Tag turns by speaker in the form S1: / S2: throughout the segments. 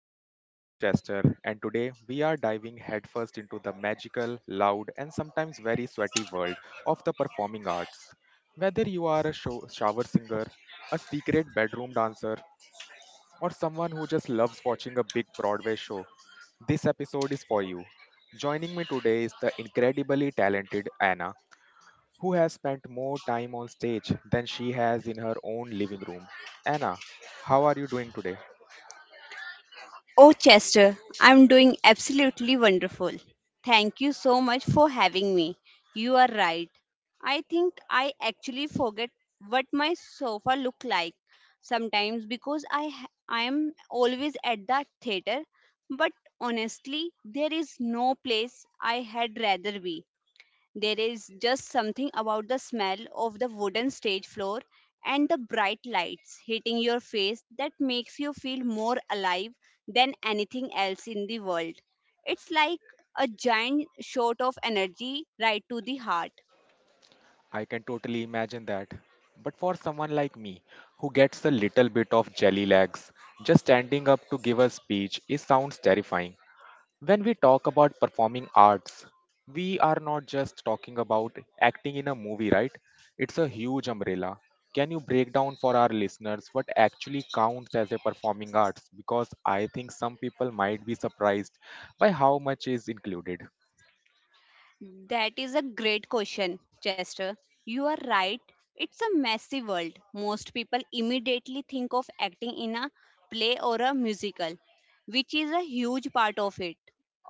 S1: I am your host Chester, and today we are diving headfirst into the magical, loud, and sometimes very sweaty world of the performing arts. Whether you are a shower singer, a secret bedroom dancer, or someone who just loves watching a big Broadway show, this episode is for you. Joining me today is the incredibly talented Anna who has spent more time on stage than she has in her own living room. Anna, how are you doing today?
S2: Oh, Chester, I'm doing absolutely wonderful. Thank you so much for having me. You are right. I think I actually forget what my sofa look like sometimes because I am always at the theater, but honestly, there is no place I had rather be. There is just something about the smell of the wooden stage floor and the bright lights hitting your face that makes you feel more alive than anything else in the world. It's like a giant shot of energy right to the heart.
S1: I can totally imagine that. But for someone like me, who gets a little bit of jelly legs, just standing up to give a speech, it sounds terrifying. When we talk about performing arts, we are not just talking about acting in a movie, right? It's a huge umbrella. Can you break down for our listeners what actually counts as a performing arts? Because I think some people might be surprised by how much is included.
S2: That is a great question, Chester. You are right. It's a massive world. Most people immediately think of acting in a play or a musical, which is a huge part of it,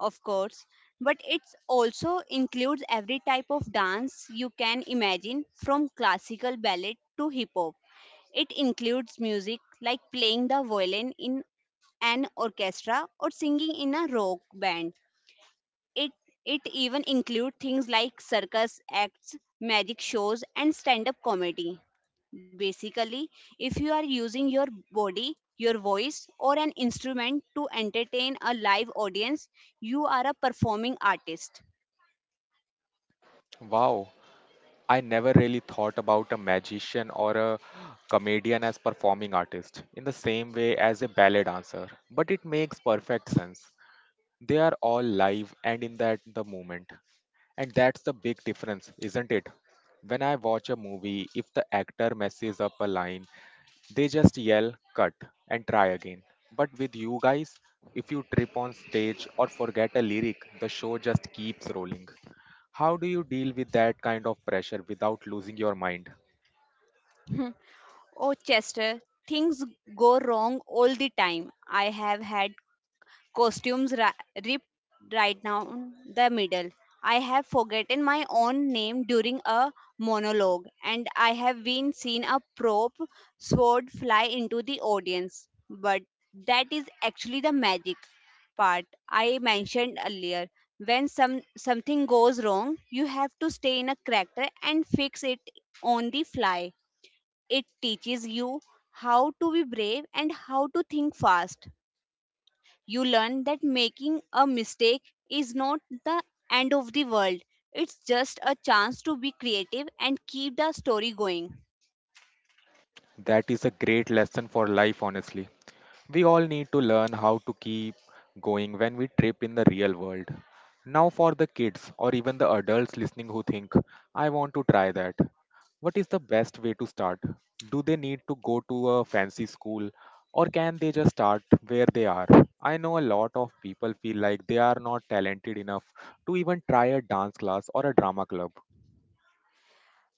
S2: of course. But it also includes every type of dance you can imagine, from classical ballet to hip hop. It includes music like playing the violin in an orchestra or singing in a rock band. It it even include things like circus acts, magic shows and stand-up comedy. Basically, if you are using your body, your voice or an instrument to entertain a live audience, you are a performing artist.
S1: Wow, I never really thought about a magician or a comedian as performing artist in the same way as a ballet dancer, but it makes perfect sense. They are all live and in that the moment. And that's the big difference, isn't it? When I watch a movie, if the actor messes up a line, they just yell, cut, and try again. But with you guys, if you trip on stage or forget a lyric, the show just keeps rolling. How do you deal with that kind of pressure without losing your mind?
S2: Oh, Chester, things go wrong all the time. I have had costumes ra- ripped right down the middle. I have forgotten my own name during a monologue, and I have been seen a prop sword fly into the audience. But that is actually the magic part I mentioned earlier. When something goes wrong, you have to stay in a character and fix it on the fly. It teaches you how to be brave and how to think fast. You learn that making a mistake is not the end of the world, it's just a chance to be creative and keep the story going.
S1: That is a great lesson for life, honestly. We all need to learn how to keep going when we trip in the real world. Now, for the kids or even the adults listening who think, I want to try that. What is the best way to start? Do they need to go to a fancy school or can they just start where they are? I know a lot of people feel like they are not talented enough to even try a dance class or a drama club.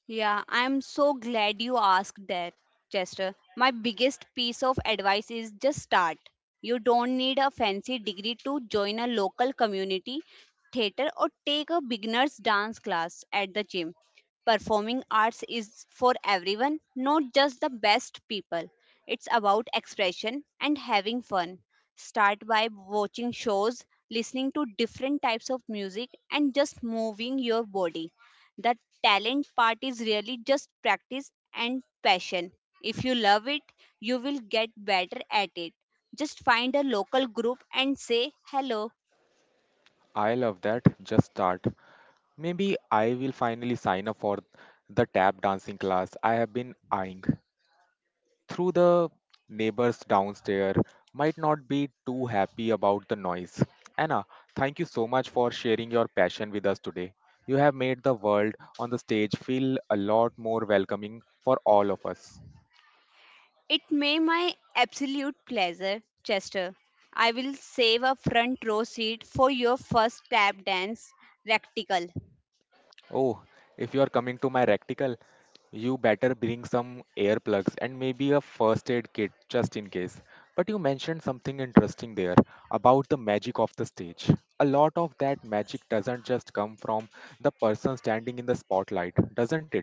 S2: Yeah, I'm so glad you asked that, Chester. My biggest piece of advice is just start. You don't need a fancy degree to join a local community theater or take a beginner's dance class at the gym. Performing arts is for everyone, not just the best people. It's about expression and having fun. Start by watching shows, listening to different types of music, and just moving your body. The talent part is really just practice and passion. If you love it, you will get better at it. Just find a local group and say hello.
S1: I love that. Just start. Maybe I will finally sign up for the tap dancing class I have been eyeing. Through the neighbors downstairs might not be too happy about the noise. Anna, thank you so much for sharing your passion with us today. You have made the world on the stage feel a lot more welcoming for all of us.
S2: It may my absolute pleasure, Chester. I will save a front row seat for your first tap dance practical.
S1: Oh, if you are coming to my reticle, you better bring some earplugs and maybe a first aid kit just in case. But you mentioned something interesting there about the magic of the stage. A lot of that magic doesn't just come from the person standing in the spotlight, doesn't it?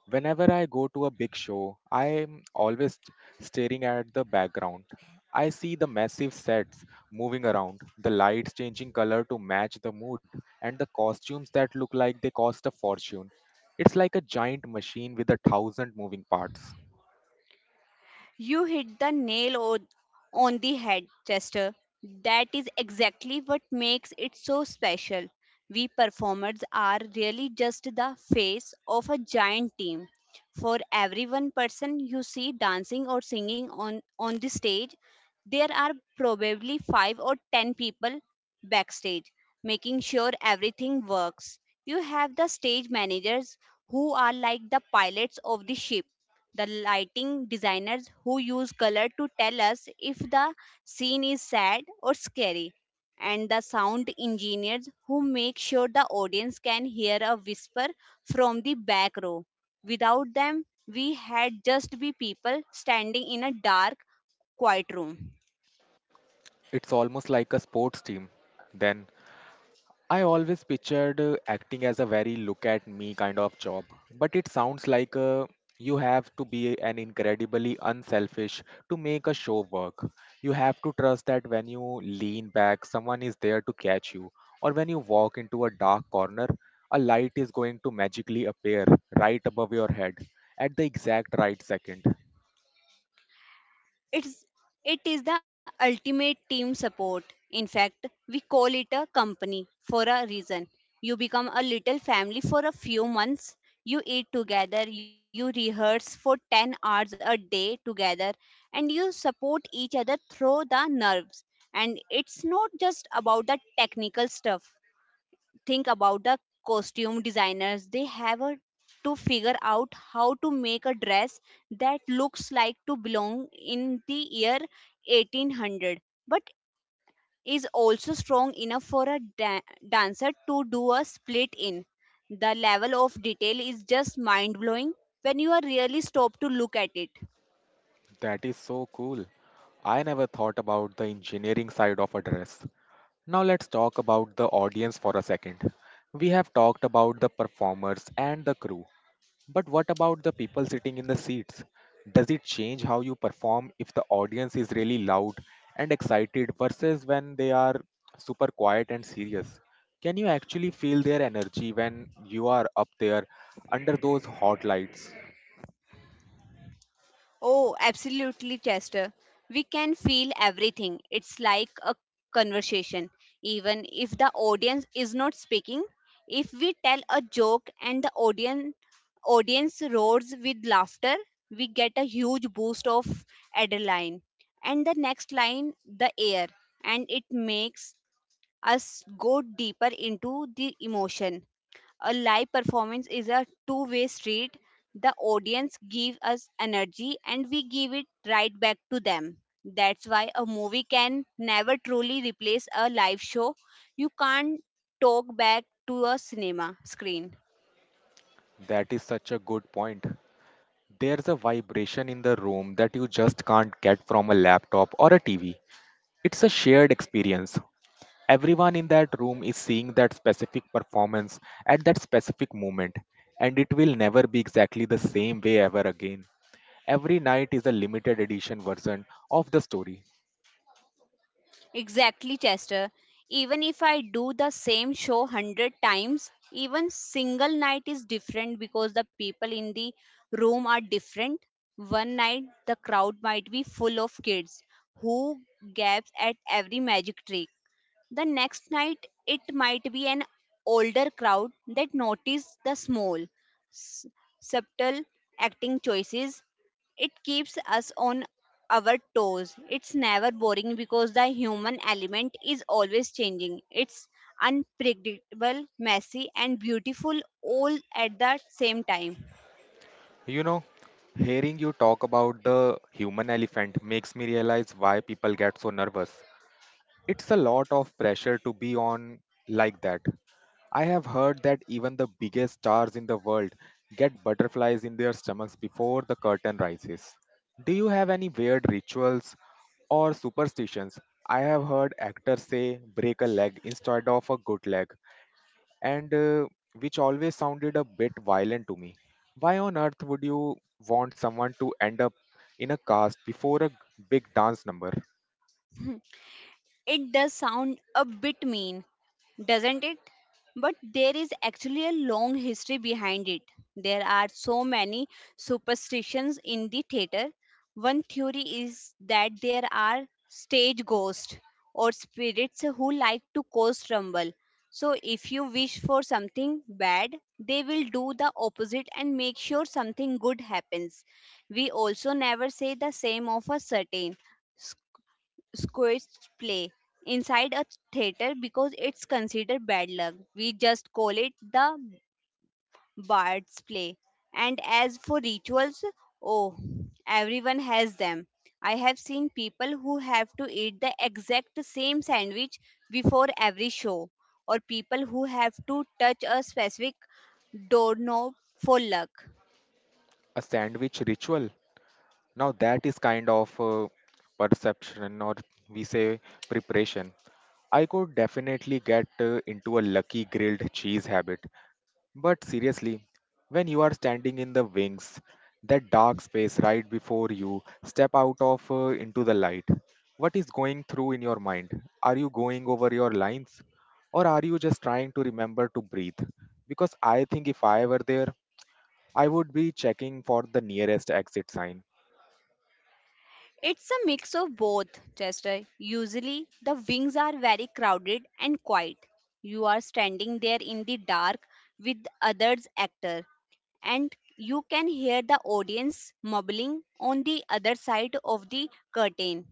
S1: Whenever I go to a big show, I am always staring at the background. I see the massive sets moving around, the lights changing color to match the mood, and the costumes that look like they cost a fortune. It's like a giant machine with a thousand moving parts.
S2: You hit on the head, Chester. That is exactly what makes it so special. We performers are really just the face of a giant team. For every one person you see dancing or singing on the stage, there are probably five or ten people backstage making sure everything works. You have the stage managers who are like the pilots of the ship, the lighting designers who use color to tell us if the scene is sad or scary, and the sound engineers who make sure the audience can hear a whisper from the back row. Without them, we had just be people standing in a dark, quiet room.
S1: It's almost like a sports team. Then I always pictured acting as a very look at me kind of job, but it sounds like you have to be an incredibly unselfish to make a show work. You have to trust that when you lean back, someone is there to catch you, or when you walk into a dark corner, a light is going to magically appear right above your head at the exact right second.
S2: It's it is the ultimate team support. In fact, we call it a company for a reason. You become a little family for a few months. You eat together, you rehearse for 10 hours a day together, and you support each other through the nerves. And it's not just about the technical stuff, think about the costume designers they have a, to figure out how to make a dress that looks like to belong in the year 1800 but is also strong enough for a dancer to do a split in the level of detail is just mind blowing when you are really stop to look at it.
S1: That is so cool. I never thought about the engineering side of a dress. Now let's talk about the audience for a second. We have talked about the performers and the crew, but what about the people sitting in the seats? Does it change how you perform if the audience is really loud and excited versus when they are super quiet and serious? Can you actually feel their energy when you are up there under those hot lights?
S2: Oh, absolutely, Chester. We can feel everything. It's like a conversation. Even if the audience is not speaking, if we tell a joke and the audience roars with laughter, we get a huge boost of adrenaline. And the next line, the air, and it makes us go deeper into the emotion. A live performance is a two-way street. The audience gives us energy and we give it right back to them. That's why a movie can never truly replace a live show. You can't talk back to a cinema screen.
S1: That is such a good point. There's a vibration in the room that you just can't get from a laptop or a TV. It's a shared experience. Everyone in that room is seeing that specific performance at that specific moment, and it will never be exactly the same way ever again. Every night is a limited edition version of the story.
S2: Exactly, Chester. Even if I do the same show 100 times, even single night is different because the people in the room are different. One night, the crowd might be full of kids who gaps at every magic trick. The next night, it might be an older crowd that notice the small, s- subtle acting choices. It keeps us on our toes. It's never boring because the human element is always changing. It's unpredictable, messy, and beautiful all at the same time.
S1: You know, hearing you talk about the human elephant makes me realize why people get so nervous. It's a lot of pressure to be on like that. I have heard that even the biggest stars in the world get butterflies in their stomachs before the curtain rises. Do you have any weird rituals or superstitions? I have heard actors say break a leg instead of a good leg, and which always sounded a bit violent to me. Why on earth would you want someone to end up in a cast before a big dance number?
S2: It does sound a bit mean, doesn't it? But there is actually a long history behind it. There are so many superstitions in the theater. One theory is that there are stage ghosts or spirits who like to cause trouble. So, if you wish for something bad, they will do the opposite and make sure something good happens. We also never say the same of a certain squash play inside a theater because it's considered bad luck. We just call it the bard's play. And as for rituals, oh, everyone has them. I have seen people who have to eat the exact same sandwich before every show, or people who have to touch a specific doorknob for luck.
S1: A sandwich ritual? Now that is kind of perception, or we say preparation. I could definitely get into a lucky grilled cheese habit. But seriously, when you are standing in the wings, that dark space right before you step out of into the light, what is going through in your mind? Are you going over your lines? Or are you just trying to remember to breathe? Because I think if I were there, I would be checking for the nearest exit sign.
S2: It's a mix of both, Chester. Usually, the wings are very crowded and quiet. You are standing there in the dark with others actor and you can hear the audience mumbling on the other side of the curtain.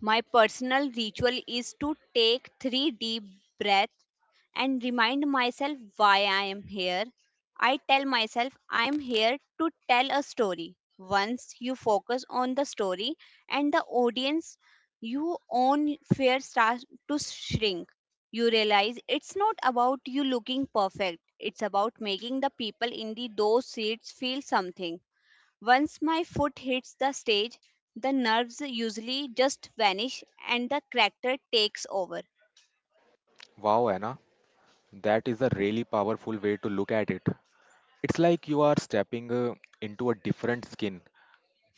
S2: My personal ritual is to take three deep breaths and remind myself why I am here. I tell myself I am here to tell a story. Once you focus on the story and the audience, your own fear starts to shrink. You realize it's not about you looking perfect, it's about making the people in those seats feel something. Once my foot hits the stage, the nerves usually just vanish and the character takes over.
S1: Wow, Anna, that is a really powerful way to look at it. It's like you are stepping into a different skin.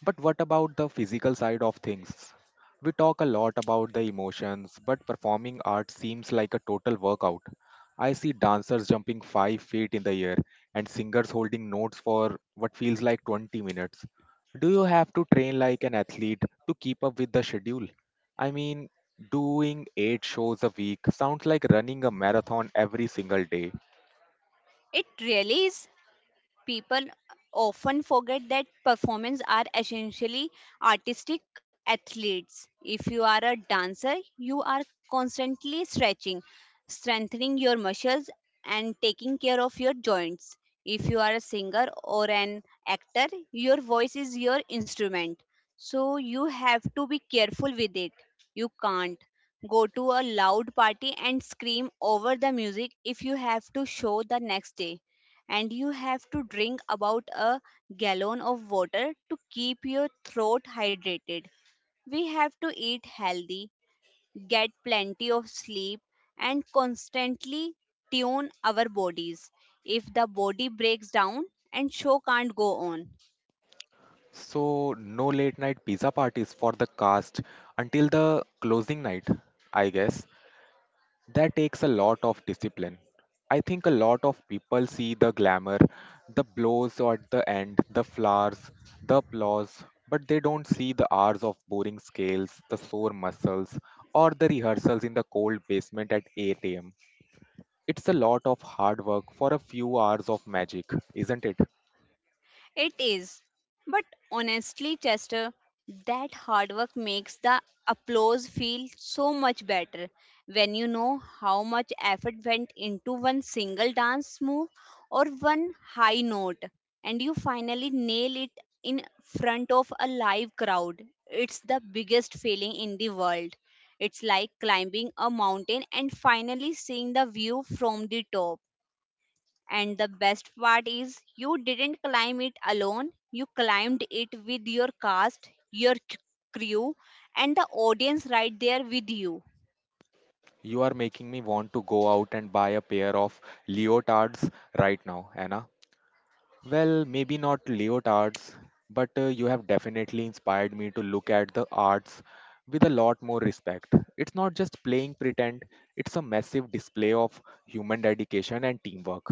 S1: But what about the physical side of things? We talk a lot about the emotions, but performing art seems like a total workout. I see dancers jumping 5 feet in the air and singers holding notes for what feels like 20 minutes. Do you have to train like an athlete to keep up with the schedule? I mean, doing 8 shows a week sounds like running a marathon every single day.
S2: It really is. People often forget that performers are essentially artistic athletes. If you are a dancer, you are constantly stretching, strengthening your muscles, and taking care of your joints. If you are a singer or an actor, your voice is your instrument. So you have to be careful with it. You can't go to a loud party and scream over the music if you have to show the next day and you have to drink about a gallon of water to keep your throat hydrated. We have to eat healthy, get plenty of sleep, and constantly tune our bodies. If the body breaks down and show can't go on.
S1: So, no late night pizza parties for the cast until the closing night, I guess. That takes a lot of discipline. I think a lot of people see the glamour, the blows at the end, the flowers, the applause, but they don't see the hours of boring scales, the sore muscles, or the rehearsals in the cold basement at 8 am. It's a lot of hard work for a few hours of magic, isn't it?
S2: It is. But honestly, Chester, that hard work makes the applause feel so much better when you know how much effort went into one single dance move or one high note and you finally nail it in front of a live crowd. It's the biggest feeling in the world. It's like climbing a mountain and finally seeing the view from the top. And the best part is, you didn't climb it alone. You climbed it with your cast, your crew, and the audience right there with you.
S1: You are making me want to go out and buy a pair of leotards right now, Anna. Well, maybe not leotards, but you have definitely inspired me to look at the arts with a lot more respect. It's not just playing pretend, it's a massive display of human dedication and teamwork.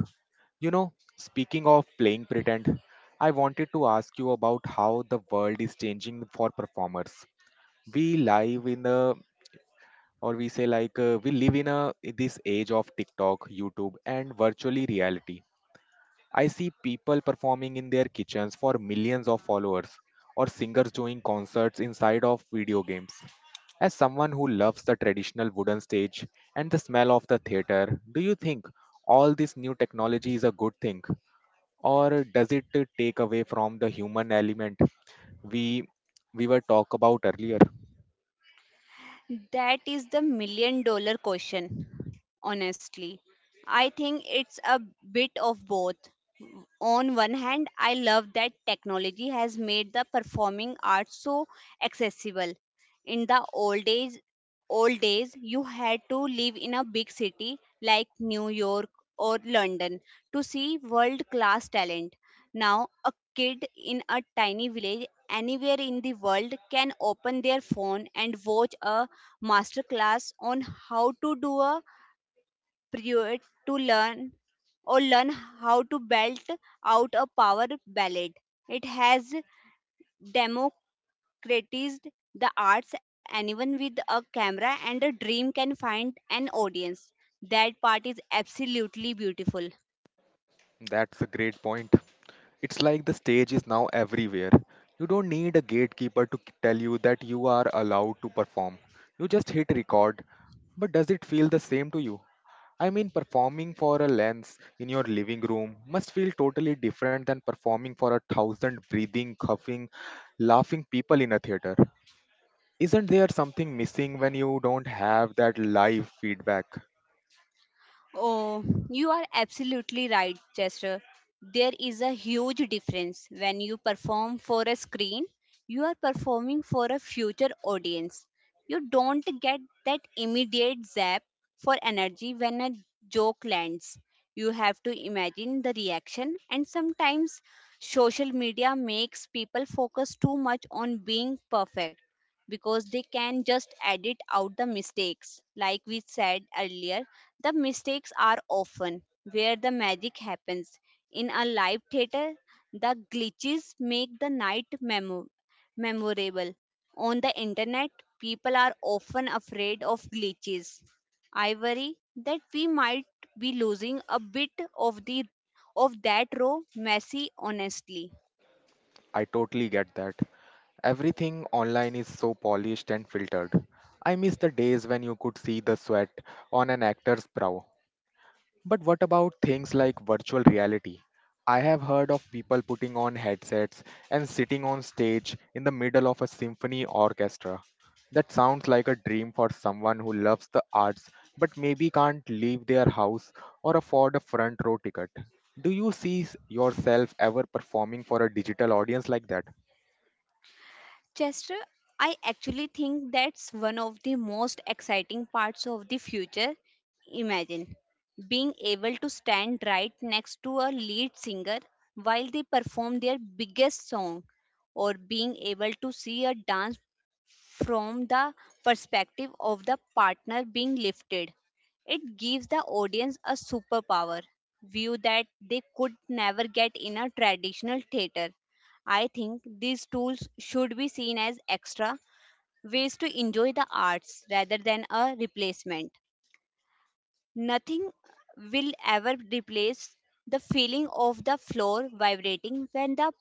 S1: You know, speaking of playing pretend, I wanted to ask you about how the world is changing for performers. We live in a or we say like we live in a this age of TikTok, YouTube, and virtually reality. I see people performing in their kitchens for millions of followers or singers doing concerts inside of video games. As someone who loves the traditional wooden stage and the smell of the theater, do you think all this new technology is a good thing, or does it take away from the human element we we were talk about earlier?
S2: That is the million dollar question, honestly. I think it's a bit of both. On one hand, I love that technology has made the performing arts so accessible. In the old days, you had to live in a big city like New York or London to see world class talent. Now, a kid in a tiny village anywhere in the world can open their phone and watch a masterclass on how to do a pirouette to learn how to belt out a power ballad. It has criticized the arts, anyone with a camera and a dream can find an audience. That part is absolutely beautiful.
S1: That's a great point. It's like the stage is now everywhere. You don't need a gatekeeper to tell you that you are allowed to perform. You just hit record. But does it feel the same to you? I mean, performing for a lens in your living room must feel totally different than performing for a thousand breathing, coughing, laughing people in a theater. Isn't there something missing when you don't have that live feedback?
S2: Oh, you are absolutely right, Chester. There is a huge difference. When you perform for a screen, you are performing for a future audience. You don't get that immediate zap for energy when a joke lands. You have to imagine the reaction, and sometimes social media makes people focus too much on being perfect because they can just edit out the mistakes. Like we said earlier, the mistakes are often where the magic happens. In a live theater, the glitches make memorable. On the internet, people are often afraid of glitches. I worry that we might be losing a bit of the of that raw, messy honesty.
S1: I totally get that. Everything online is so polished and filtered. I miss the days when you could see the sweat on an actor's brow. But what about things like virtual reality? I have heard of people putting on headsets and sitting on stage in the middle of a symphony orchestra. That sounds like a dream for someone who loves the arts but maybe can't leave their house or afford a front row ticket. Do you see yourself ever performing for a digital audience like that?
S2: Chester, I actually think that's one of the most exciting parts of the future. Imagine being able to stand right next to a lead singer while they perform their biggest song, or being able to see a dance from the perspective of the partner being lifted. It gives the audience a superpower view that they could never get in a traditional theater. I think these tools should be seen as extra ways to enjoy the arts rather than a replacement. Nothing will ever replace the feeling of the floor vibrating when the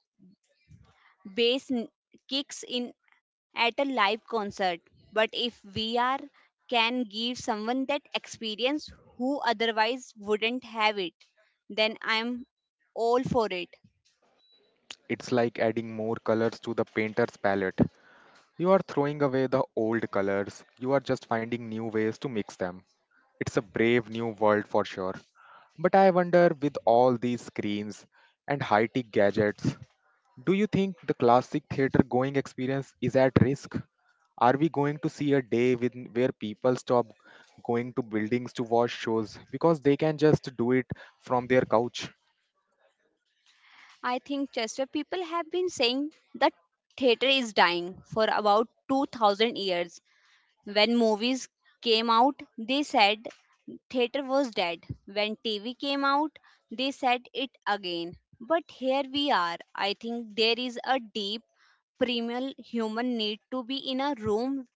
S2: bass n- kicks in at a live concert. But if VR can give someone that experience who otherwise wouldn't have it, then I'm all for it.
S1: It's like adding more colors to the painter's palette. You are throwing away the old colors, you are just finding new ways to mix them. It's a brave new world for sure. But I wonder with all these screens and high tech gadgets, do you think the classic theater going experience is at risk? Are we going to see a where people stop going to buildings to watch shows because they can just do it from their couch?
S2: I think, Chester, people have been saying the theater is dying for about 2000 years. When movies came out, they said theater was dead. When TV came out, they said it again. But here we are. I think there is a deep, primal human need to be in a room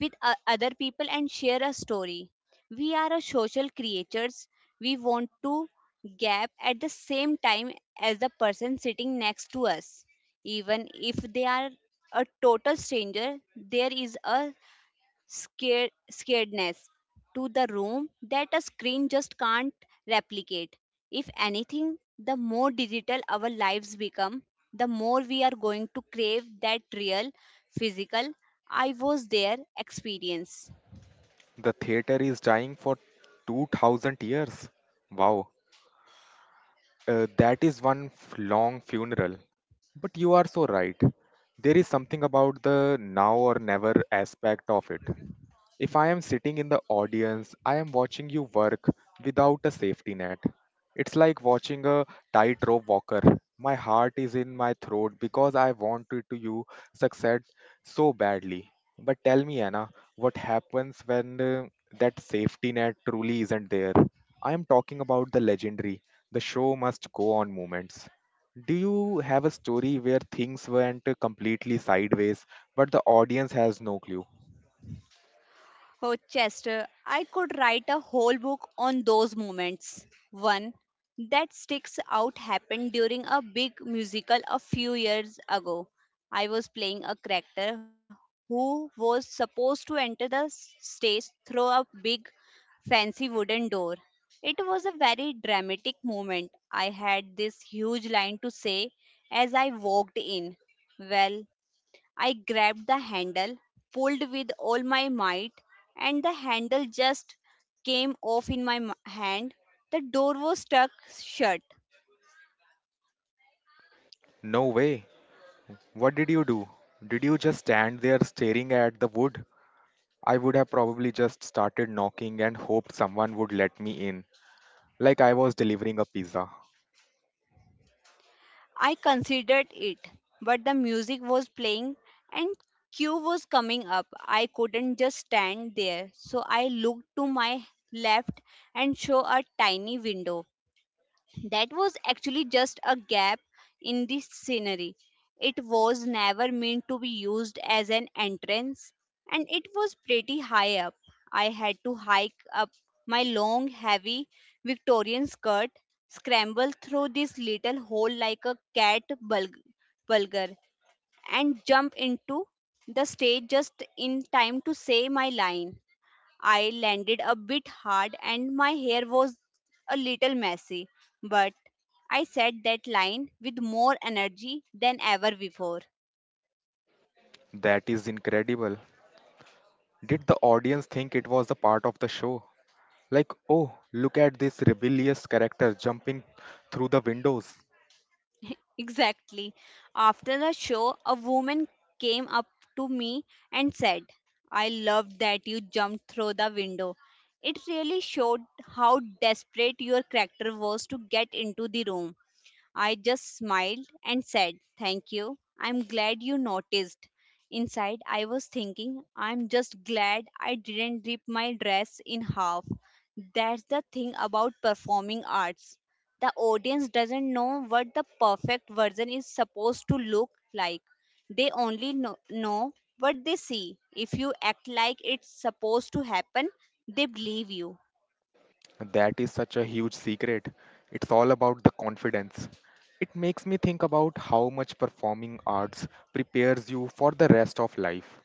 S2: with other people and share a story. We are a social creatures. We want to gap at the same time as the person sitting next to us. Even if they are a total stranger, there is a scaredness to the room that a screen just can't replicate. If anything, the more digital our lives become, the more we are going to crave that real, physical, I was there experience.
S1: The theater is dying for 2000 years. Wow. That is one long funeral. But you are so right. There is something about the now or never aspect of it. If I am sitting in the audience, I am watching you work without a safety net. It's like watching a tightrope walker. My heart is in my throat because I wanted to you succeed so badly. But tell me, Anna, what happens when that safety net truly isn't there? I am talking about the legendary, the show must go on moments. Do you have a story where things went completely sideways, but the audience has no clue?
S2: Oh, Chester, I could write a whole book on those moments. One that sticks out happened during a big musical a few years ago. I was playing a character who was supposed to enter the stage through a big fancy wooden door. It was a very dramatic moment. I had this huge line to say as I walked in. Well, I grabbed the handle, pulled with all my might, and the handle just came off in my hand. The door was stuck shut.
S1: No way. What did you do? Did you just stand there staring at the wood? I would have probably just started knocking and hoped someone would let me in, like I was delivering a pizza.
S2: I considered it, but the music was playing and queue was coming up. I couldn't just stand there, so I looked to my left and saw a tiny window. That was actually just a gap in the scenery. It was never meant to be used as an entrance, and it was pretty high up. I had to hike up my long, heavy Victorian skirt, scramble through this little hole like a cat bulgar, and jump into the stage just in time to say my line. I landed a bit hard and my hair was a little messy, but I said that line with more energy than ever before.
S1: That is incredible. Did the audience think it was a part of the show? Like, oh, look at this rebellious character jumping through the windows.
S2: Exactly. After the show, a woman came up to me and said, "I love that you jumped through the window. It really showed how desperate your character was to get into the room." I just smiled and said, "Thank you. I'm glad you noticed." Inside, I was thinking, "I'm just glad I didn't rip my dress in half." That's the thing about performing arts. The audience doesn't know what the perfect version is supposed to look like. They only know what they see. If you act like it's supposed to happen, they believe you.
S1: That is such a huge secret. It's all about the confidence. It makes me think about how much performing arts prepares you for the rest of life.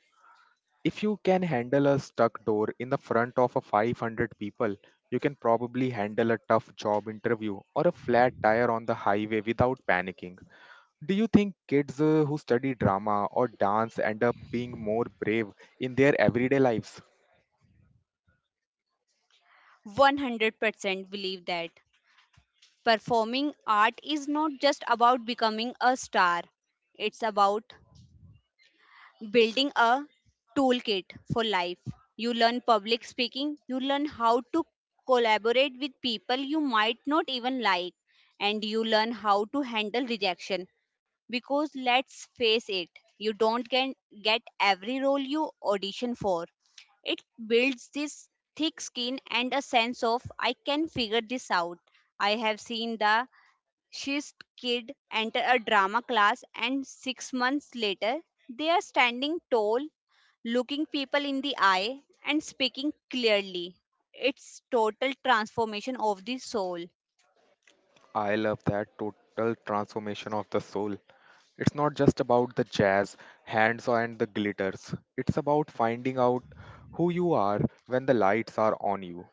S1: If you can handle a stuck door in the front of a 500 people, you can probably handle a tough job interview or a flat tire on the highway without panicking. Do you think kids who study drama or dance end up being more brave in their everyday lives?
S2: 100% believe that. Performing art is not just about becoming a star, it's about building a toolkit for life. You learn public speaking, you learn how to collaborate with people you might not even like, and you learn how to handle rejection. Because let's face it, you don't get every role you audition for. It builds this thick skin and a sense of I can figure this out. I have seen the She's kid enter a drama class, and 6 months later they are standing tall, looking people in the eye and speaking clearly. It's total transformation of the soul.
S1: I love that total transformation of the soul. It's not just about the jazz, hands, and the glitters. It's about finding out who you are when the lights are on you.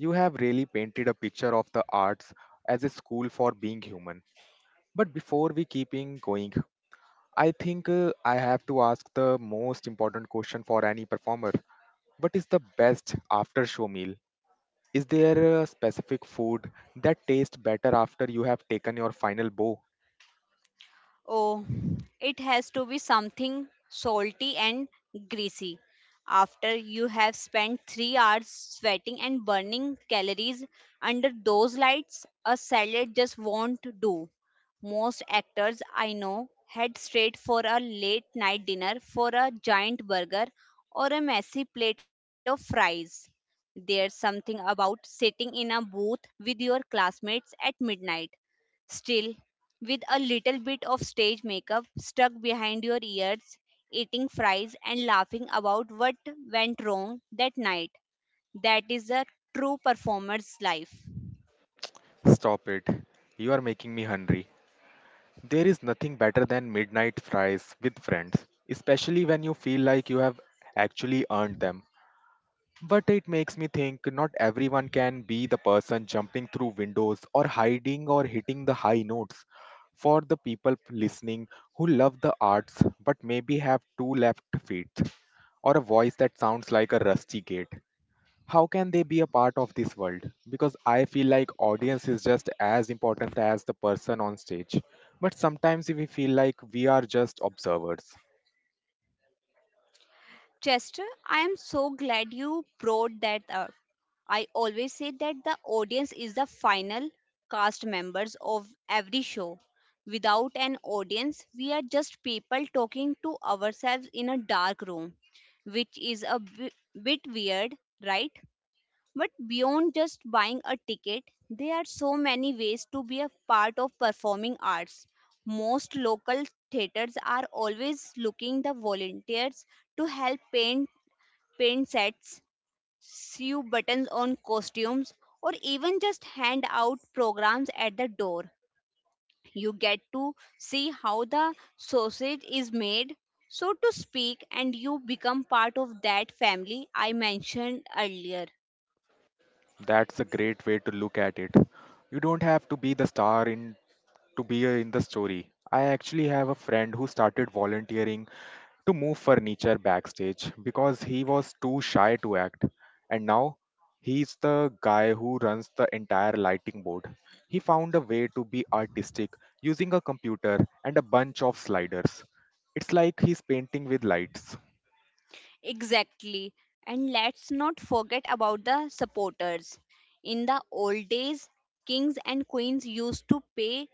S1: You have really painted a picture of the arts as a school for being human. But before we keeping going, I think I have to ask the most important question for any performer. What is the best after show meal? Is there a specific food that tastes better after you have taken your final bow?
S2: Oh, it has to be something salty and greasy. After you have spent 3 hours sweating and burning calories under those lights, a salad just won't do. Most actors I know head straight for a late night dinner for a giant burger or a messy plate of fries. There's something about sitting in a booth with your classmates at midnight still, with a little bit of stage makeup stuck behind your ears, eating fries and laughing about what went wrong that night, that is a true performer's life.
S1: Stop it. You are making me hungry. There is nothing better than midnight fries with friends, especially when you feel like you have actually earned them. But it makes me think not everyone can be the person jumping through windows or hiding or hitting the high notes. For the people listening who love the arts but maybe have two left feet or a voice that sounds like a rusty gate, how can they be a part of this world because I feel like audience is just as important as the person on stage, but sometimes we feel like we are just observers.
S2: Chester, I am so glad you brought that up. I always say that the audience is the final cast members of every show. Without an audience, we are just people talking to ourselves in a dark room, which is a bit weird, right? But beyond just buying a ticket, there are so many ways to be a part of performing arts. Most local theaters are always looking the volunteers to help paint sets, sew buttons on costumes, or even just hand out programs at the door. You get to see how the sausage is made, so to speak, and you become part of that family I mentioned earlier.
S1: That's a great way to look at it. You don't have to be the star in to be in the story. I actually have a friend who started volunteering to move furniture backstage because he was too shy to act. And now he's the guy who runs the entire lighting board. He found a way to be artistic using a computer and a bunch of sliders. It's like he's painting with lights.
S2: Exactly. And let's not forget about the supporters. In the old days, kings and queens used to pay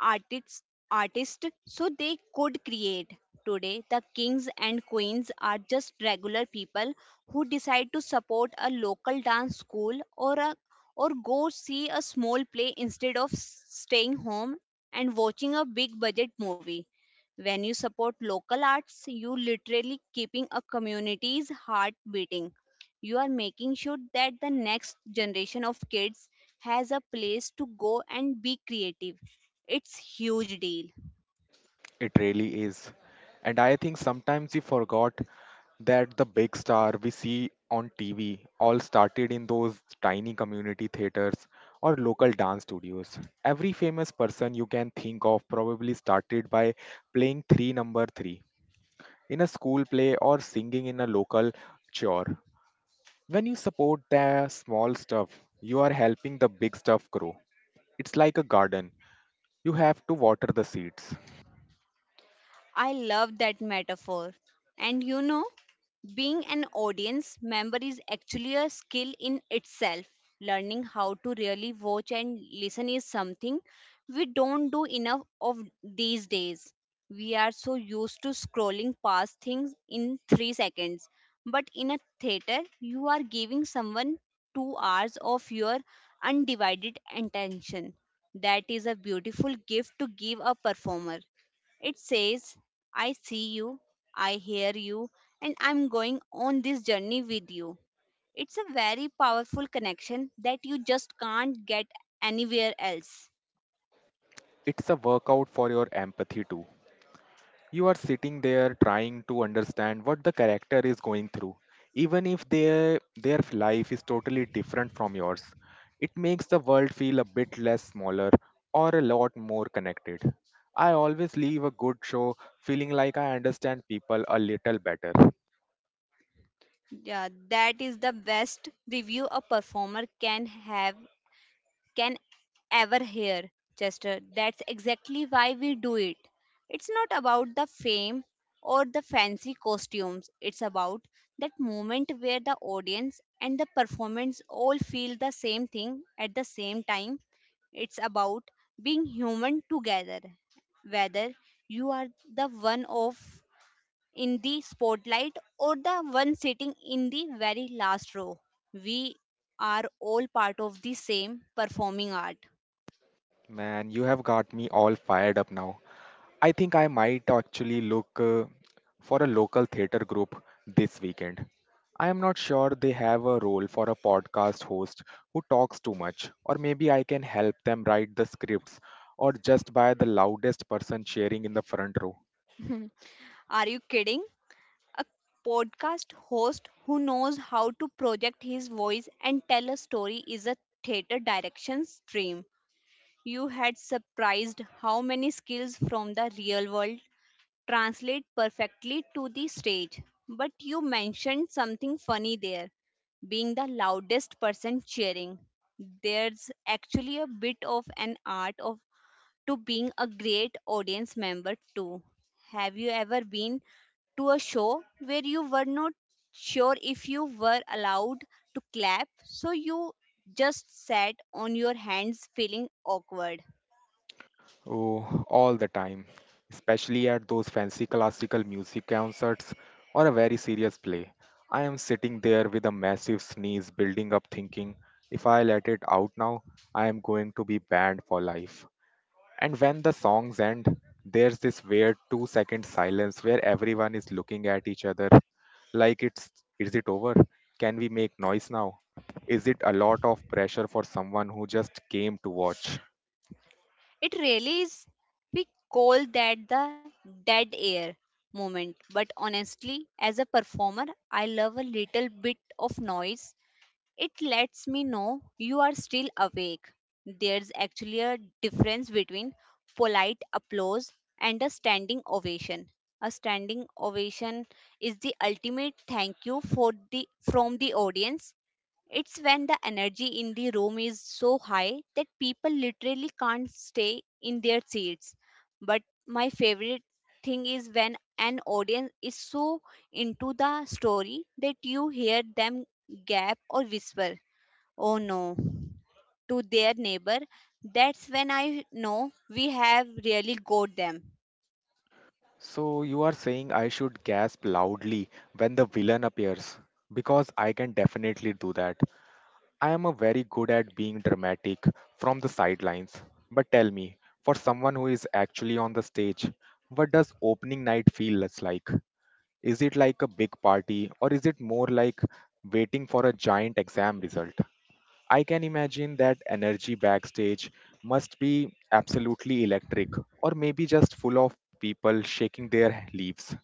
S2: artists artists so they could create. Today the kings and queens are just regular people who decide to support a local dance school, or a or go see a small play instead of staying home and watching a big budget movie. When you support local arts, you literally keeping a community's heart beating. You are making sure that the next generation of kids has a place to go and be creative. It's huge deal.
S1: It really is. And I think sometimes we forgot that the big star we see on TV all started in those tiny community theaters or local dance studios. Every famous person you can think of probably started by playing three number three in a school play or singing in a local chore. When you support the small stuff, you are helping the big stuff grow. It's like a garden, you have to water the seeds.
S2: I love that metaphor. And you know, being an audience member is actually a skill in itself. Learning how to really watch and listen is something we don't do enough of these days. We are so used to scrolling past things in 3 seconds. But in a theater, you are giving someone 2 hours of your undivided attention. That is a beautiful gift to give a performer. It says, I see you, I hear you, and I'm going on this journey with you. It's a very powerful connection that you just can't get anywhere else.
S1: It's a workout for your empathy too. You are sitting there trying to understand what the character is going through, even if their life is totally different from yours. It makes the world feel a bit less smaller or a lot more connected. I always leave a good show feeling like I understand people a little better.
S2: Yeah, that is the best review a performer can ever hear, Chester. That's exactly why we do it. It's not about the fame or the fancy costumes, it's about that moment where the audience and the performance all feel the same thing at the same time. It's about being human together, whether you are the one of in the spotlight or the one sitting in the very last row. We are all part of the same performing art.
S1: Man, you have got me all fired up now. I think I might actually look for a local theater group this weekend. I am not sure they have a role for a podcast host who talks too much, or maybe I can help them write the scripts, or just by the loudest person cheering in the front row.
S2: Are you kidding? A podcast host who knows how to project his voice and tell a story is a theater direction's dream. You had surprised how many skills from the real world translate perfectly to the stage. But you mentioned something funny there, being the loudest person cheering. There's actually a bit of an art of to being a great audience member too. Have you ever been to a show where you were not sure if you were allowed to clap, so you just sat on your hands feeling awkward?
S1: Oh, all the time, especially at those fancy classical music concerts or a very serious play. I am sitting there with a massive sneeze building up, thinking if I let it out now, I am going to be banned for life. And when the songs end, there's this weird 2-second silence where everyone is looking at each other like it's is it over? Can we make noise now? Is it a lot of pressure for someone who just came to watch?
S2: It really is. We call that the dead air moment. But honestly, as a performer, I love a little bit of noise. It lets me know you are still awake. There's actually a difference between polite applause and a standing ovation. A standing ovation is the ultimate thank you for the from the audience. It's when the energy in the room is so high that people literally can't stay in their seats. But my favorite thing is when an audience is so into the story that you hear them gap or whisper, oh no, to their neighbor. That's when I know we have really got them.
S1: So you are saying I should gasp loudly when the villain appears because I can definitely do that. I am a very good at being dramatic from the sidelines. But tell me, for someone who is actually on the stage, what does opening night feel less like? Is it like a big party or is it more like waiting for a giant exam result? I can imagine that energy backstage must be absolutely electric or maybe just full of people shaking their leaves.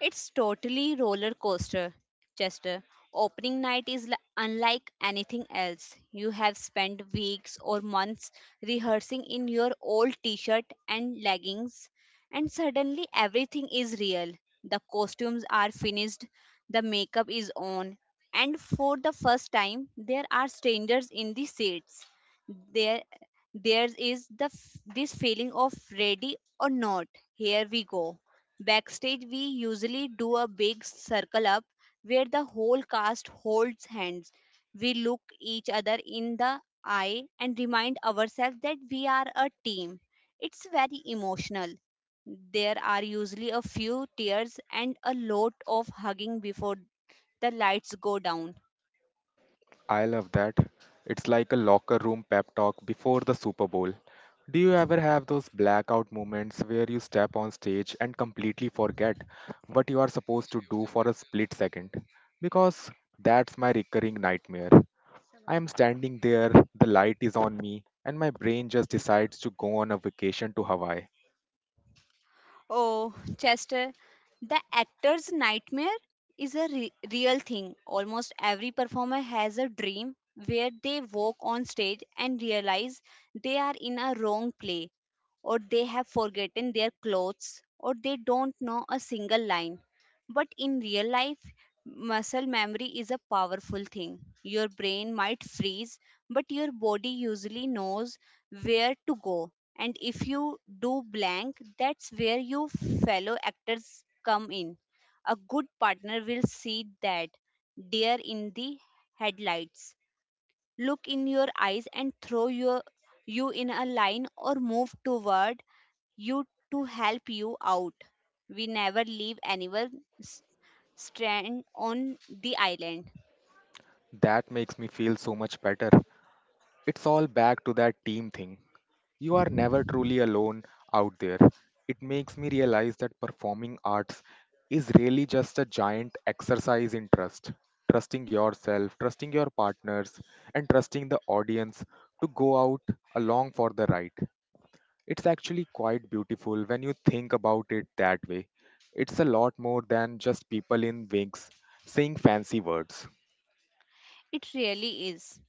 S2: It's totally roller coaster, Chester. Opening night is unlike anything else. You have spent weeks or months rehearsing in your old t shirt and leggings, and suddenly everything is real. The costumes are finished, the makeup is on, and for the first time, there are strangers in the seats. There, there is the f- This feeling of ready or not. Here we go. Backstage, we usually do a big circle up where the whole cast holds hands. We look each other in the eye and remind ourselves that we are a team. It's very emotional. There are usually a few tears and a lot of hugging before the lights go down.
S1: I love that. It's like a locker room pep talk before the Super Bowl. Do you ever have those blackout moments where you step on stage and completely forget what you are supposed to do for a split second? Because that's my recurring nightmare. I'm standing there, the light is on me, and my brain just decides to go on a vacation to Hawaii.
S2: Oh, Chester, the actor's nightmare is a real thing. Almost every performer has a dream where they walk on stage and realize they are in a wrong play, or they have forgotten their clothes, or they don't know a single line. But in real life, muscle memory is a powerful thing. Your brain might freeze, but your body usually knows where to go. And if you do blank, that's where you fellow actors come in. A good partner will see that deer in the headlights look in your eyes and throw you in a line or move toward you to help you out. We never leave anyone strand on the island.
S1: That makes me feel so much better. It's all back to that team thing. You are never truly alone out there. It makes me realize that performing arts is really just a giant exercise in trust. Trusting yourself, trusting your partners, and trusting the audience to go out along for the ride. It's actually quite beautiful when you think about it that way. It's a lot more than just people in wigs saying fancy words.
S2: It really is.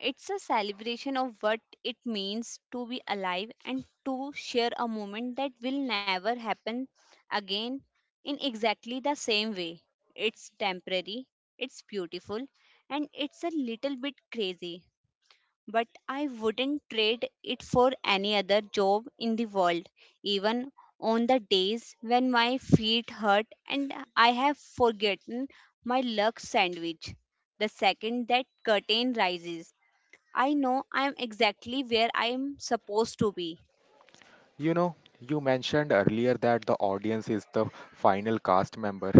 S2: It's a celebration of what it means to be alive and to share a moment that will never happen again in exactly the same way. It's temporary, it's beautiful, and it's a little bit crazy. But I wouldn't trade it for any other job in the world, even on the days when my feet hurt and I have forgotten my luck sandwich. The second that curtain rises, I know I'm exactly where I'm supposed to be.
S1: You know, you mentioned earlier that the audience is the final cast member,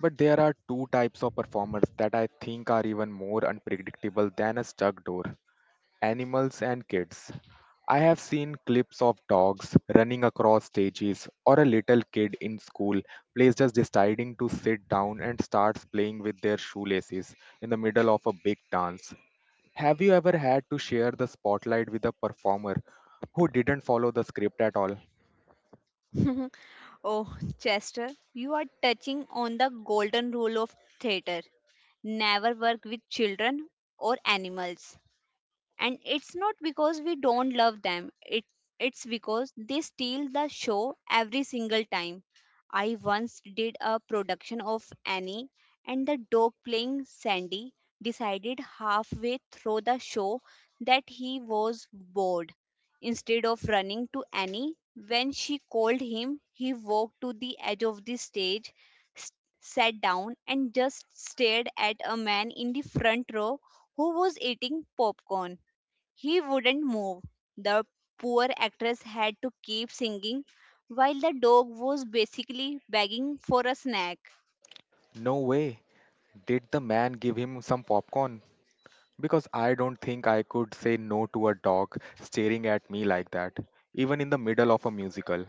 S1: but there are two types of performers that I think are even more unpredictable than a stuck door. Animals, and kids. I have seen clips of dogs running across stages or a little kid in school plays just deciding to sit down and starts playing with their shoelaces in the middle of a big dance. Have you ever had to share the spotlight with a performer who didn't follow the script at all?
S2: Oh, Chester, you are touching on the golden rule of theatre: never work with children or animals. And it's not because we don't love them, it it's because they steal the show every single time. I once did a production of Annie, and the dog playing Sandy decided halfway through the show that he was bored. Instead of running to Annie when she called him, he walked to the edge of the stage, s- sat down, and just stared at a man in the front row who was eating popcorn. He wouldn't move. The poor actress had to keep singing while the dog was basically begging for a snack.
S1: No way. Did the man give him some popcorn? Because I don't think I could say no to a dog staring at me like that, even in the middle of a musical.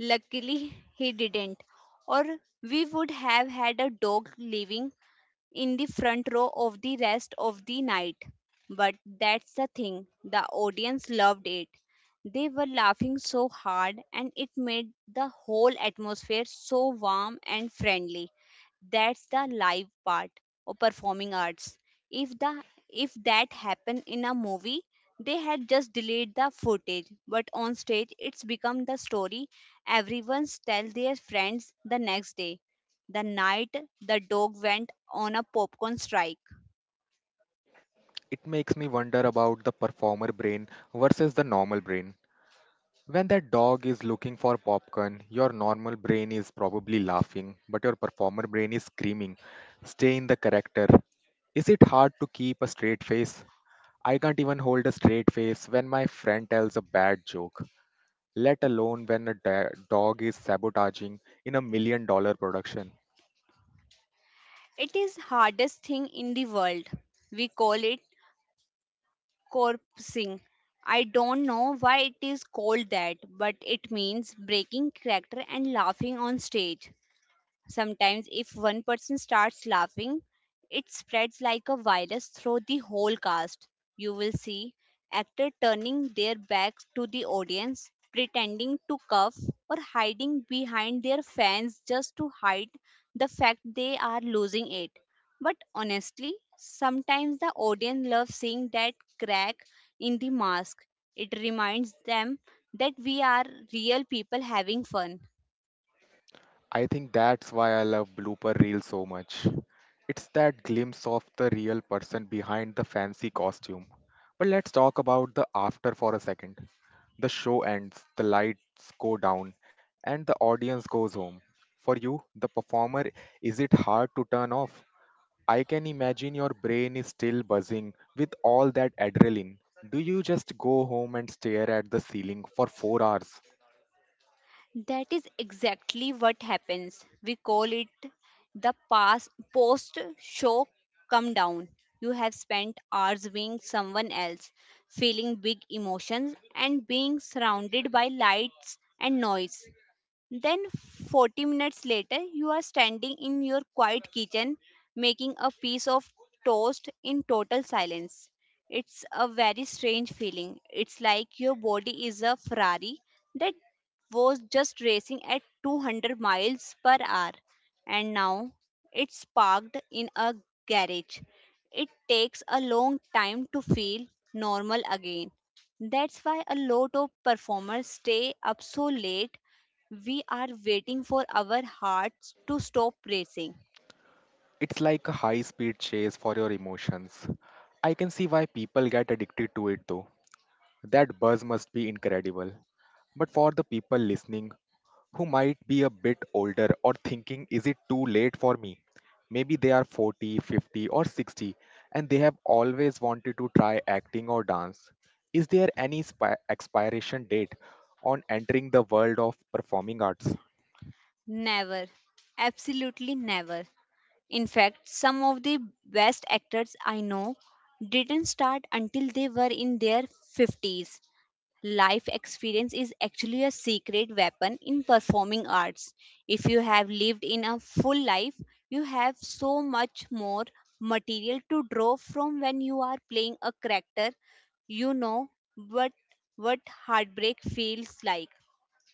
S2: Luckily, he didn't, or we would have had a dog living in the front row of the rest of the night. But that's the thing, the audience loved it. They were laughing so hard, and it made the whole atmosphere so warm and friendly. That's the live part of performing arts. If the if that happened in a movie, they had just delayed the footage, but on stage it's become the story everyone's tell their friends the next day, the night the dog went on a popcorn strike.
S1: It makes me wonder about the performer brain versus the normal brain. When that dog is looking for popcorn, your normal brain is probably laughing, but your performer brain is screaming, stay in the character. Is it hard to keep a straight face? I can't even hold a straight face when my friend tells a bad joke, let alone when a dog is sabotaging in $1 million production.
S2: It is hardest thing in the world. We call it corpsing. I don't know why it is called that, but it means breaking character and laughing on stage. Sometimes, if one person starts laughing, it spreads like a virus through the whole cast. You will see actors turning their backs to the audience, pretending to cough, or hiding behind their fans just to hide the fact they are losing it. But honestly, sometimes the audience loves seeing that crack in the mask. It reminds them that we are real people having fun.
S1: I think that's why I love blooper reels so much. It's that glimpse of the real person behind the fancy costume. But let's talk about the after for a second. The show ends, the lights go down, and the audience goes home. For you, the performer, is it hard to turn off? I can imagine your brain is still buzzing with all that adrenaline. Do you just go home and stare at the ceiling for 4 hours?
S2: That is exactly what happens. We call it the past post show come down. You have spent hours being someone else, feeling big emotions and being surrounded by lights and noise. Then, 40 minutes later, you are standing in your quiet kitchen making a piece of toast in total silence. It's a very strange feeling. It's like your body is a Ferrari that was just racing at 200 miles per hour, and now it's parked in a garage. It takes a long time to feel normal again. That's why a lot of performers stay up so late: we are waiting for our hearts to stop racing.
S1: It's like a high speed chase for your emotions. I can see why people get addicted to it though. That buzz must be incredible. But for the people listening who might be a bit older or thinking, is it too late for me? Maybe they are 40, 50, or 60 and they have always wanted to try acting or dance. Is there any expiration date on entering the world of performing arts?
S2: Never. Absolutely never. In fact, some of the best actors I know didn't start until they were in their 50s. Life experience is actually a secret weapon in performing arts. If you have lived in a full life, you have so much more material to draw from when you are playing a character. You know what what heartbreak feels like,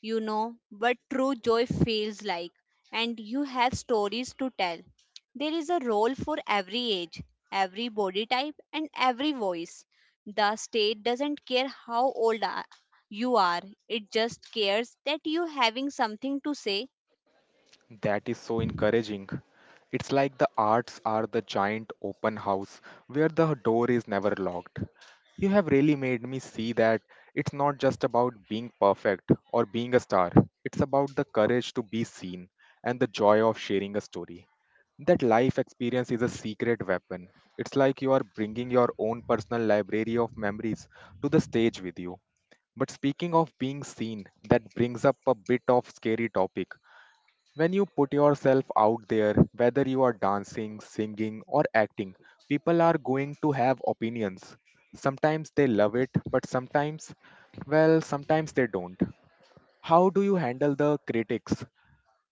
S2: you know what true joy feels like, and you have stories to tell. There is a role for every age, every body type, and every voice. The state doesn't care how old you are, it just cares that you having something to say.
S1: That is so encouraging. It's like the arts are the giant open house where the door is never locked. You have really made me see that it's not just about being perfect or being a star, it's about the courage to be seen and the joy of sharing a story. That life experience is a secret weapon. It's like you are bringing your own personal library of memories to the stage with you. But speaking of being seen, that brings up a bit of scary topic when you put yourself out there, whether you are dancing, singing, or acting, people are going to have opinions. Sometimes they love it, but sometimes, well, sometimes they don't. How do you handle the critics?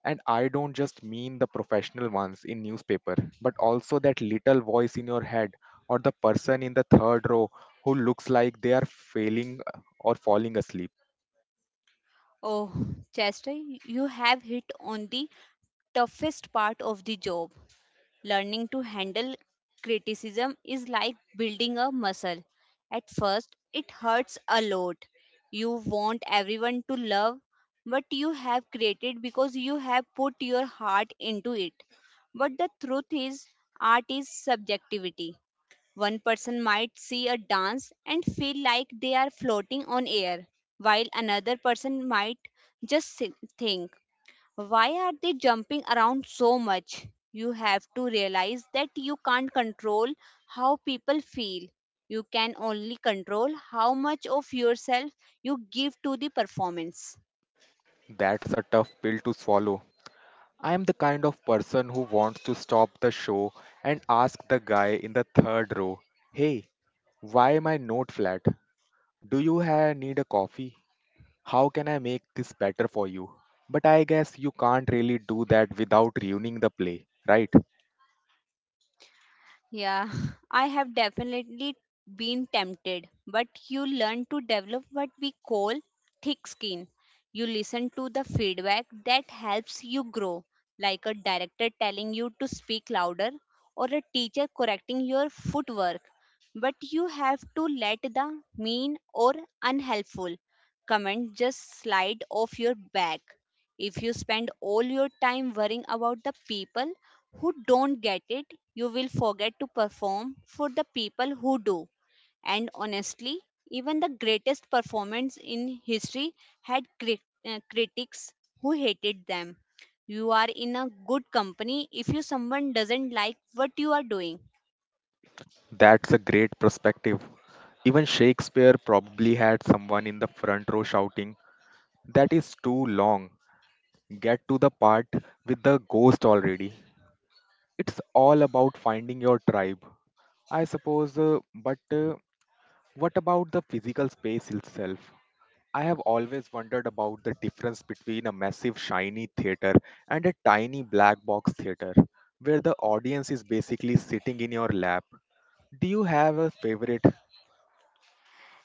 S1: And I don't just mean the professional ones in newspaper, but also that little voice in your head or the person in the third row who looks like they are failing or falling asleep.
S2: Oh, Chester, you have hit on the toughest part of the job. Learning to handle criticism is like building a muscle. At first, it hurts a lot. You want everyone to love what you have created because you have put your heart into it. But the truth is, art is subjectivity. One person might see a dance and feel like they are floating on air, while another person might think, why are they jumping around so much? You have to realize that you can't control how people feel. You can only control how much of yourself you give to the performance.
S1: That's a tough pill to swallow. I am the kind of person who wants to stop the show and ask the guy in the third row, hey, why am I not flat? Do you need a coffee? How can I make this better for you? But I guess you can't really do that without ruining the play, right?
S2: Yeah, I have definitely been tempted, but you learn to develop what we call thick skin. You listen to the feedback that helps you grow, like a director telling you to speak louder or a teacher correcting your footwork. But you have to let the mean or unhelpful comment just slide off your back. If you spend all your time worrying about the people who don't get it, you will forget to perform for the people who do. And honestly, even the greatest performance in history had critics who hated them. You are in a good company if you someone doesn't like what you are doing.
S1: That's a great perspective. Even Shakespeare probably had someone in the front row shouting, "That is too long. Get to the part with the ghost already." It's all about finding your tribe. I suppose, but what about the physical space itself? I have always wondered about the difference between a massive shiny theater and a tiny black box theater where the audience is basically sitting in your lap. Do you have a favorite,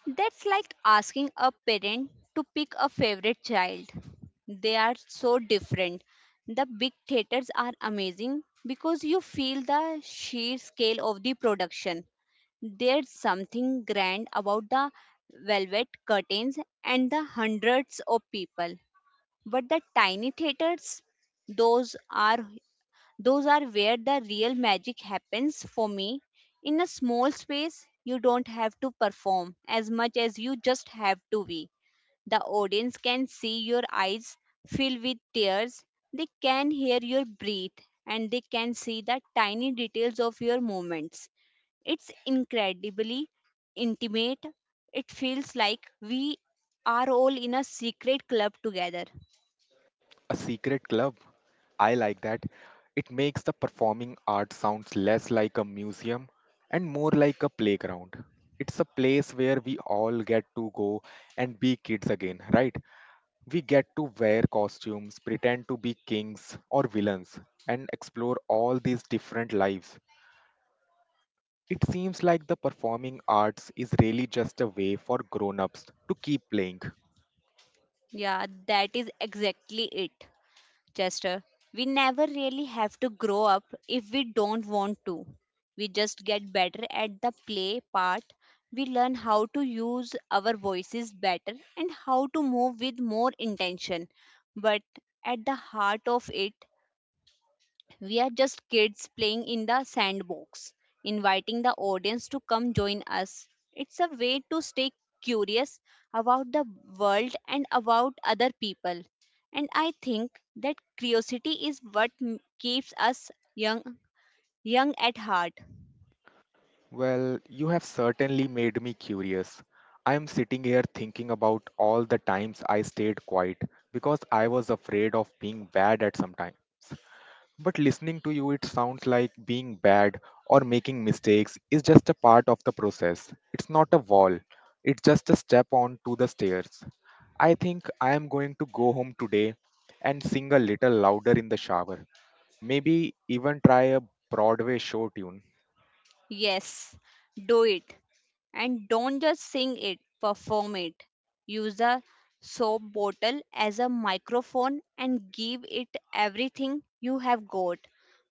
S2: That's like asking a parent to pick a favorite child. They are so different. The big theaters are amazing because you feel the sheer scale of the production. There's something grand about the velvet curtains and the hundreds of people. But the tiny theaters, those are those are where the real magic happens for me. In a small space, you don't have to perform as much as you just have to be. The audience can see your eyes fill with tears, they can hear your breath, and they can see the tiny details of your movements. It's incredibly intimate. It feels like we are all in a secret club together.
S1: a secret club? I like that. It makes the performing arts sounds less like a museum and more like a playground. It's a place where we all get to go and be kids again, right? We get to wear costumes, pretend to be kings or villains, and explore all these different lives. It seems like the performing arts is really just a way for grown ups to keep playing.
S2: Yeah, that is exactly it. Chester, we never really have to grow up if we don't want to. We just get better at the play part. We learn how to use our voices better and how to move with more intention. But at the heart of it, we are just kids playing in the sandbox, inviting the audience to come join us. It's a way to stay curious about the world and about other people. And I think that curiosity is what keeps us young at heart.
S1: Well, you have certainly made me curious. I am sitting here thinking about all the times I stayed quiet because I was afraid of being bad at some time. But listening to you, it sounds like being bad or making mistakes is just a part of the process. It's not a wall, it's just a step on to the stairs. I think I am going to go home today and sing a little louder in the shower. Maybe even try a Broadway show tune.
S2: Yes, do it. And don't just sing it, perform it. Use a soap bottle as a microphone and give it everything you have got.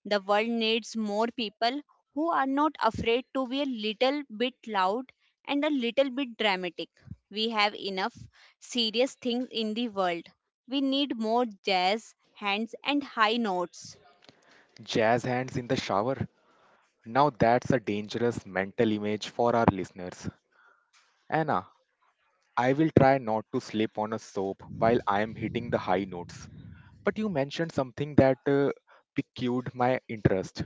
S2: The world needs more people who are not afraid to be a little bit loud and a little bit dramatic. We have enough serious things in the world. We need more jazz, hands, and high notes.
S1: Jazz hands in the shower. Now that's a dangerous mental image for our listeners. Anna, I will try not to slip on a soap while I am hitting the high notes. But you mentioned something that piqued my interest.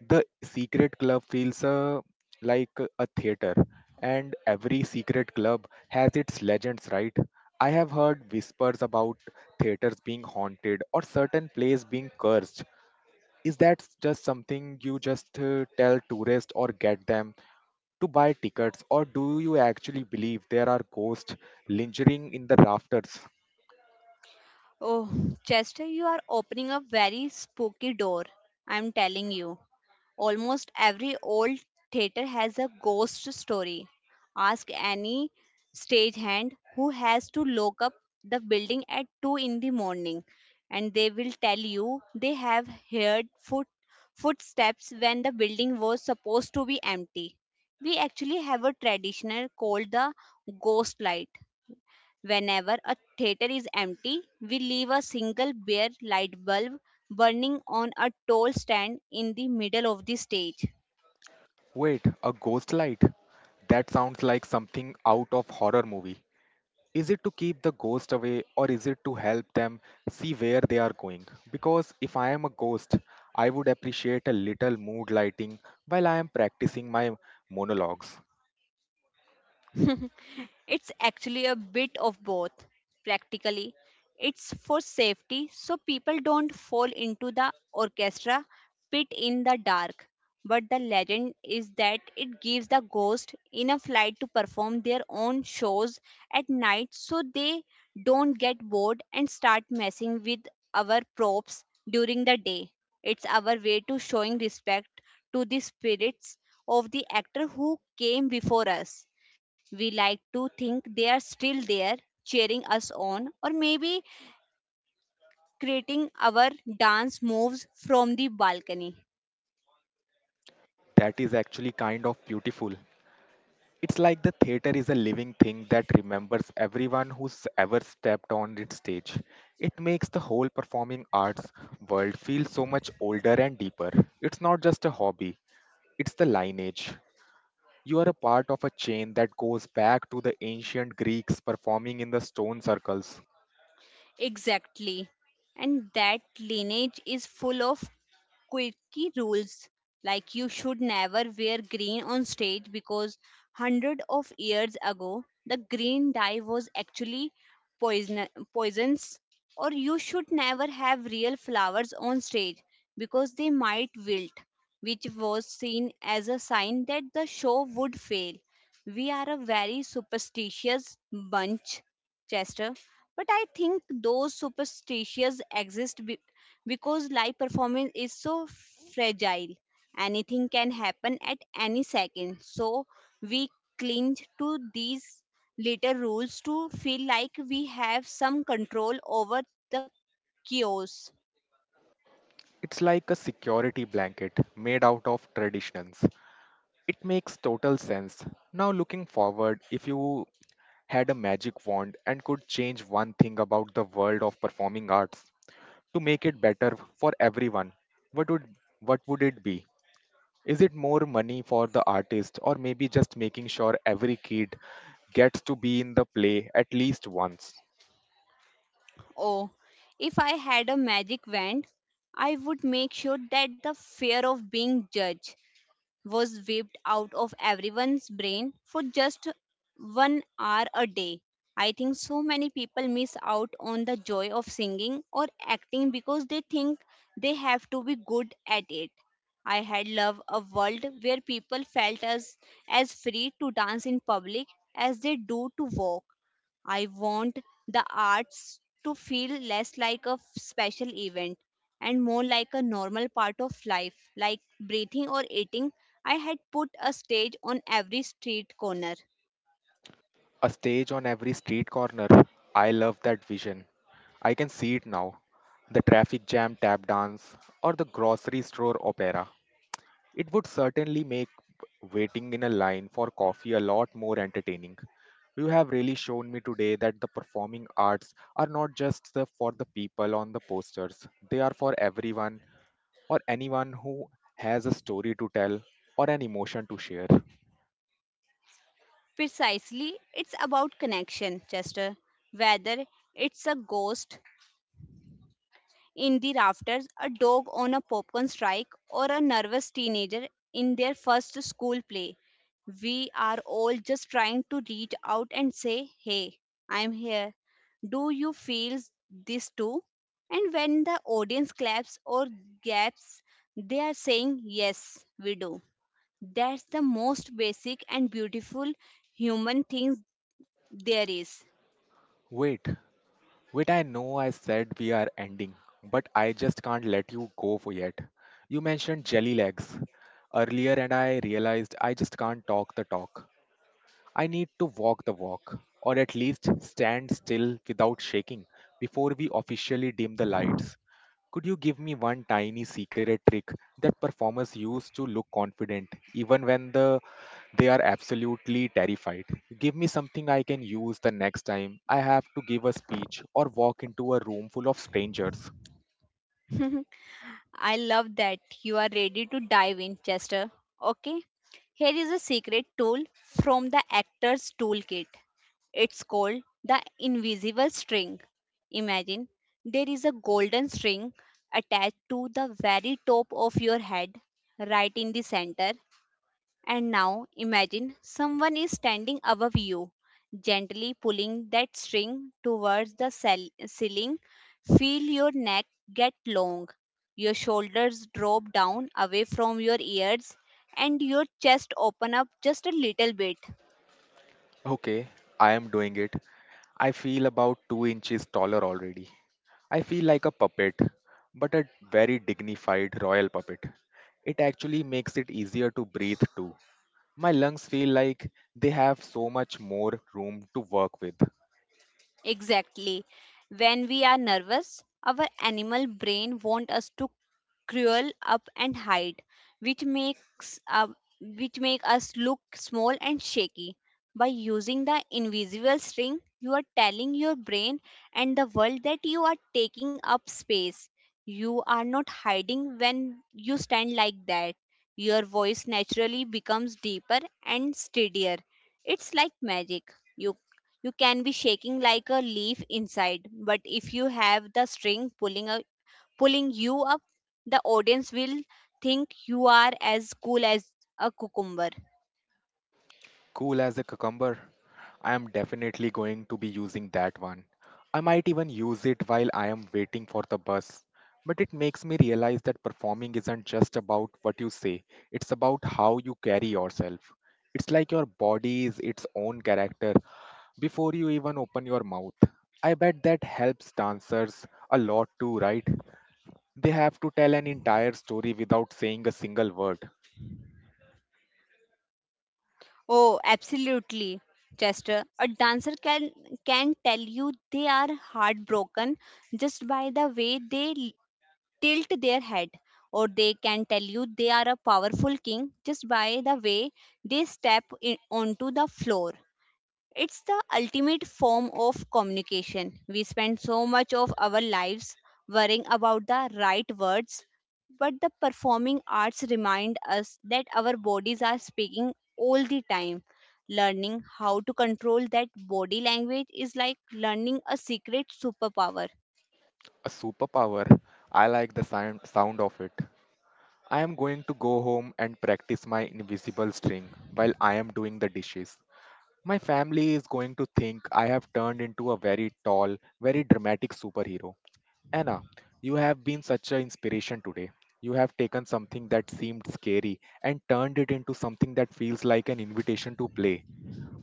S1: The secret club feels like a theater, and every secret club has its legends, right? I have heard whispers about theaters being haunted or certain plays being cursed. Is that just something you just tell tourists or get them to buy tickets, or do you actually believe there are ghosts lingering in the rafters?
S2: Oh, Chester, you are opening a very spooky door. I'm telling you. Almost every old theater has a ghost story. Ask any stagehand who has to lock up the building at 2 in the morning, and they will tell you they have heard footsteps when the building was supposed to be empty. We actually have a traditional called the ghost light. Whenever a theater is empty, we leave a single bare light bulb burning on a tall stand in the middle of the stage.
S1: Wait, a ghost light? That sounds like something out of horror movie. Is it to keep the ghost away or is it to help them see where they are going? Because if I am a ghost, I would appreciate a little mood lighting while I am practicing my monologues.
S2: It's actually a bit of both. Practically, it's for safety, so people don't fall into the orchestra pit in the dark. But the legend is that it gives the ghost enough light to perform their own shows at night, so they don't get bored and start messing with our props during the day. It's our way to showing respect to the spirits of the actor who came before us. We like to think they are still there, cheering us on, or maybe creating our dance moves from the balcony.
S1: That is actually kind of beautiful. It's like the theater is a living thing that remembers everyone who's ever stepped on its stage. It makes the whole performing arts world feel so much older and deeper. It's not just a hobby, it's the lineage. You are a part of a chain that goes back to the ancient Greeks performing in the stone circles.
S2: Exactly. And that lineage is full of quirky rules. Like you should never wear green on stage because hundred of years ago the green dye was actually poison poisons. Or you should never have real flowers on stage because they might wilt, which was seen as a sign that the show would fail. We are a very superstitious bunch, Chester, but I think those superstitions exist because live performance is so fragile. Anything can happen at any second. So we cling to these little rules to feel like we have some control over the chaos.
S1: It's like a security blanket made out of traditions. It makes total sense. Now, looking forward, if you had a magic wand and could change one thing about the world of performing arts to make it better for everyone, what would what would it be? Is it more money for the artist or maybe just making sure every kid gets to be in the play at least once?
S2: Oh, if I had a magic wand, I would make sure that the fear of being judged was wiped out of everyone's brain for just 1 hour a day. I think so many people miss out on the joy of singing or acting because they think they have to be good at it. I had loved a world where people felt as free to dance in public as they do to walk. I want the arts to feel less like a special event and more like a normal part of life, like breathing or eating. I had put a stage on every street corner.
S1: A stage on every street corner. I love that vision. I can see it now. The traffic jam tap dance or the grocery store opera. It would certainly make waiting in a line for coffee a lot more entertaining. You have really shown me today that the performing arts are not just the, for the people on the posters, they are for everyone or anyone who has a story to tell or an emotion to share.
S2: Precisely, it's about connection, Chester. Whether it's a ghost in the rafters, a dog on a popcorn strike, or a nervous teenager in their first school play. We are all just trying to reach out and say, Hey, I'm here. Do you feel this too? And when the audience claps or gasps, they are saying, Yes, we do. That's the most basic and beautiful human thing there is.
S1: Wait, wait, I know I said we are ending, but I just can't let you go for yet. You mentioned jelly legs earlier, and I realized I just can't talk the talk. I need to walk the walk, or at least stand still without shaking before we officially dim the lights. Could you give me one tiny secret trick that performers use to look confident even when the they are absolutely terrified? Give me something I can use the next time I have to give a speech or walk into a room full of strangers.
S2: I love that you are ready to dive in, Chester. Okay, here is a secret tool from the actor's toolkit. It's called the invisible string. Imagine there is a golden string attached to the very top of your head, right in the center. And now imagine someone is standing above you, gently pulling that string towards the ceiling. Feel your neck get long, your shoulders drop down away from your ears, and your chest open up just a little bit.
S1: Okay, I am doing it. I feel about 2 inches taller already. I feel like a puppet, but a very dignified royal puppet. It actually makes it easier to breathe too. My lungs feel like they have so much more room to work with.
S2: Exactly. When we are nervous, our animal brain wants us to curl up and hide, which make us look small and shaky. By using the invisible string, you are telling your brain and the world that you are taking up space. You are not hiding when you stand like that. Your voice naturally becomes deeper and steadier. It's like magic. You can be shaking like a leaf inside, but if you have the string pulling you up, the audience will think you are as cool as a cucumber.
S1: Cool as a cucumber. I am definitely going to be using that one. I might even use it while I am waiting for the bus. But it makes me realize that performing isn't just about what you say, it's about how you carry yourself. It's like your body is its own character before you even open your mouth. I bet that helps dancers a lot too, right? They have to tell an entire story without saying a single word.
S2: Oh, absolutely, Chester. A dancer can tell you they are heartbroken just by the way tilt their head, or they can tell you they are a powerful king just by the way they onto the floor. It's the ultimate form of communication. We spend so much of our lives worrying about the right words, but the performing arts remind us that our bodies are speaking all the time. Learning how to control that body language is like learning a secret superpower.
S1: A superpower. I like the sound of it. I am going to go home and practice my invisible string while I am doing the dishes. My family is going to think I have turned into a very tall, very dramatic superhero. Anna, you have been such an inspiration today. You have taken something that seemed scary and turned it into something that feels like an invitation to play.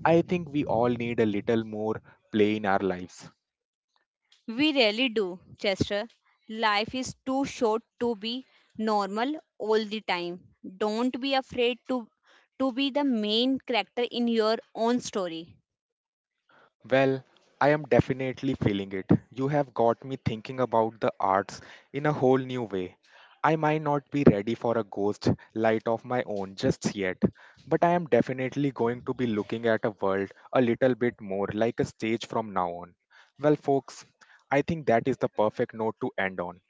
S1: I think we all need a little more play in our lives.
S2: We really do, Chester. Life is too short to be normal all the time. Don't be afraid to be the main character in your own story.
S1: Well, I am definitely feeling it. You have got me thinking about the arts in a whole new way. I might not be ready for a ghost light of my own just yet, but I am definitely going to be looking at a world a little bit more like a stage from now on. Well, folks, I think that is the perfect note to end on.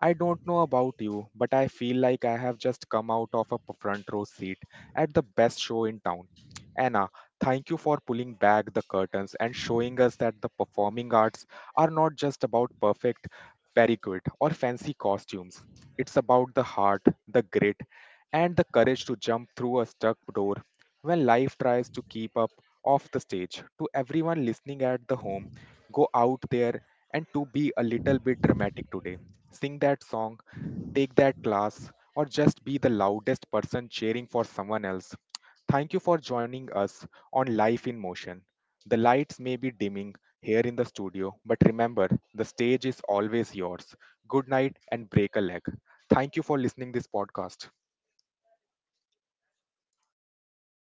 S1: I don't know about you, but I feel like I have just come out of a front row seat at the best show in town. Anna, thank you for pulling back the curtains and showing us that the performing arts are not just about perfect periquet or fancy costumes. It's about the heart, the grit, and the courage to jump through a stuck door when life tries to keep up off the stage. To everyone listening at the home, go out there and to be a little bit dramatic today, sing that song, take that class, or just be the loudest person cheering for someone else. Thank you for joining us on Life in Motion. The lights may be dimming here in the studio, but remember, the stage is always yours. Good night and break a leg. Thank you for listening this podcast.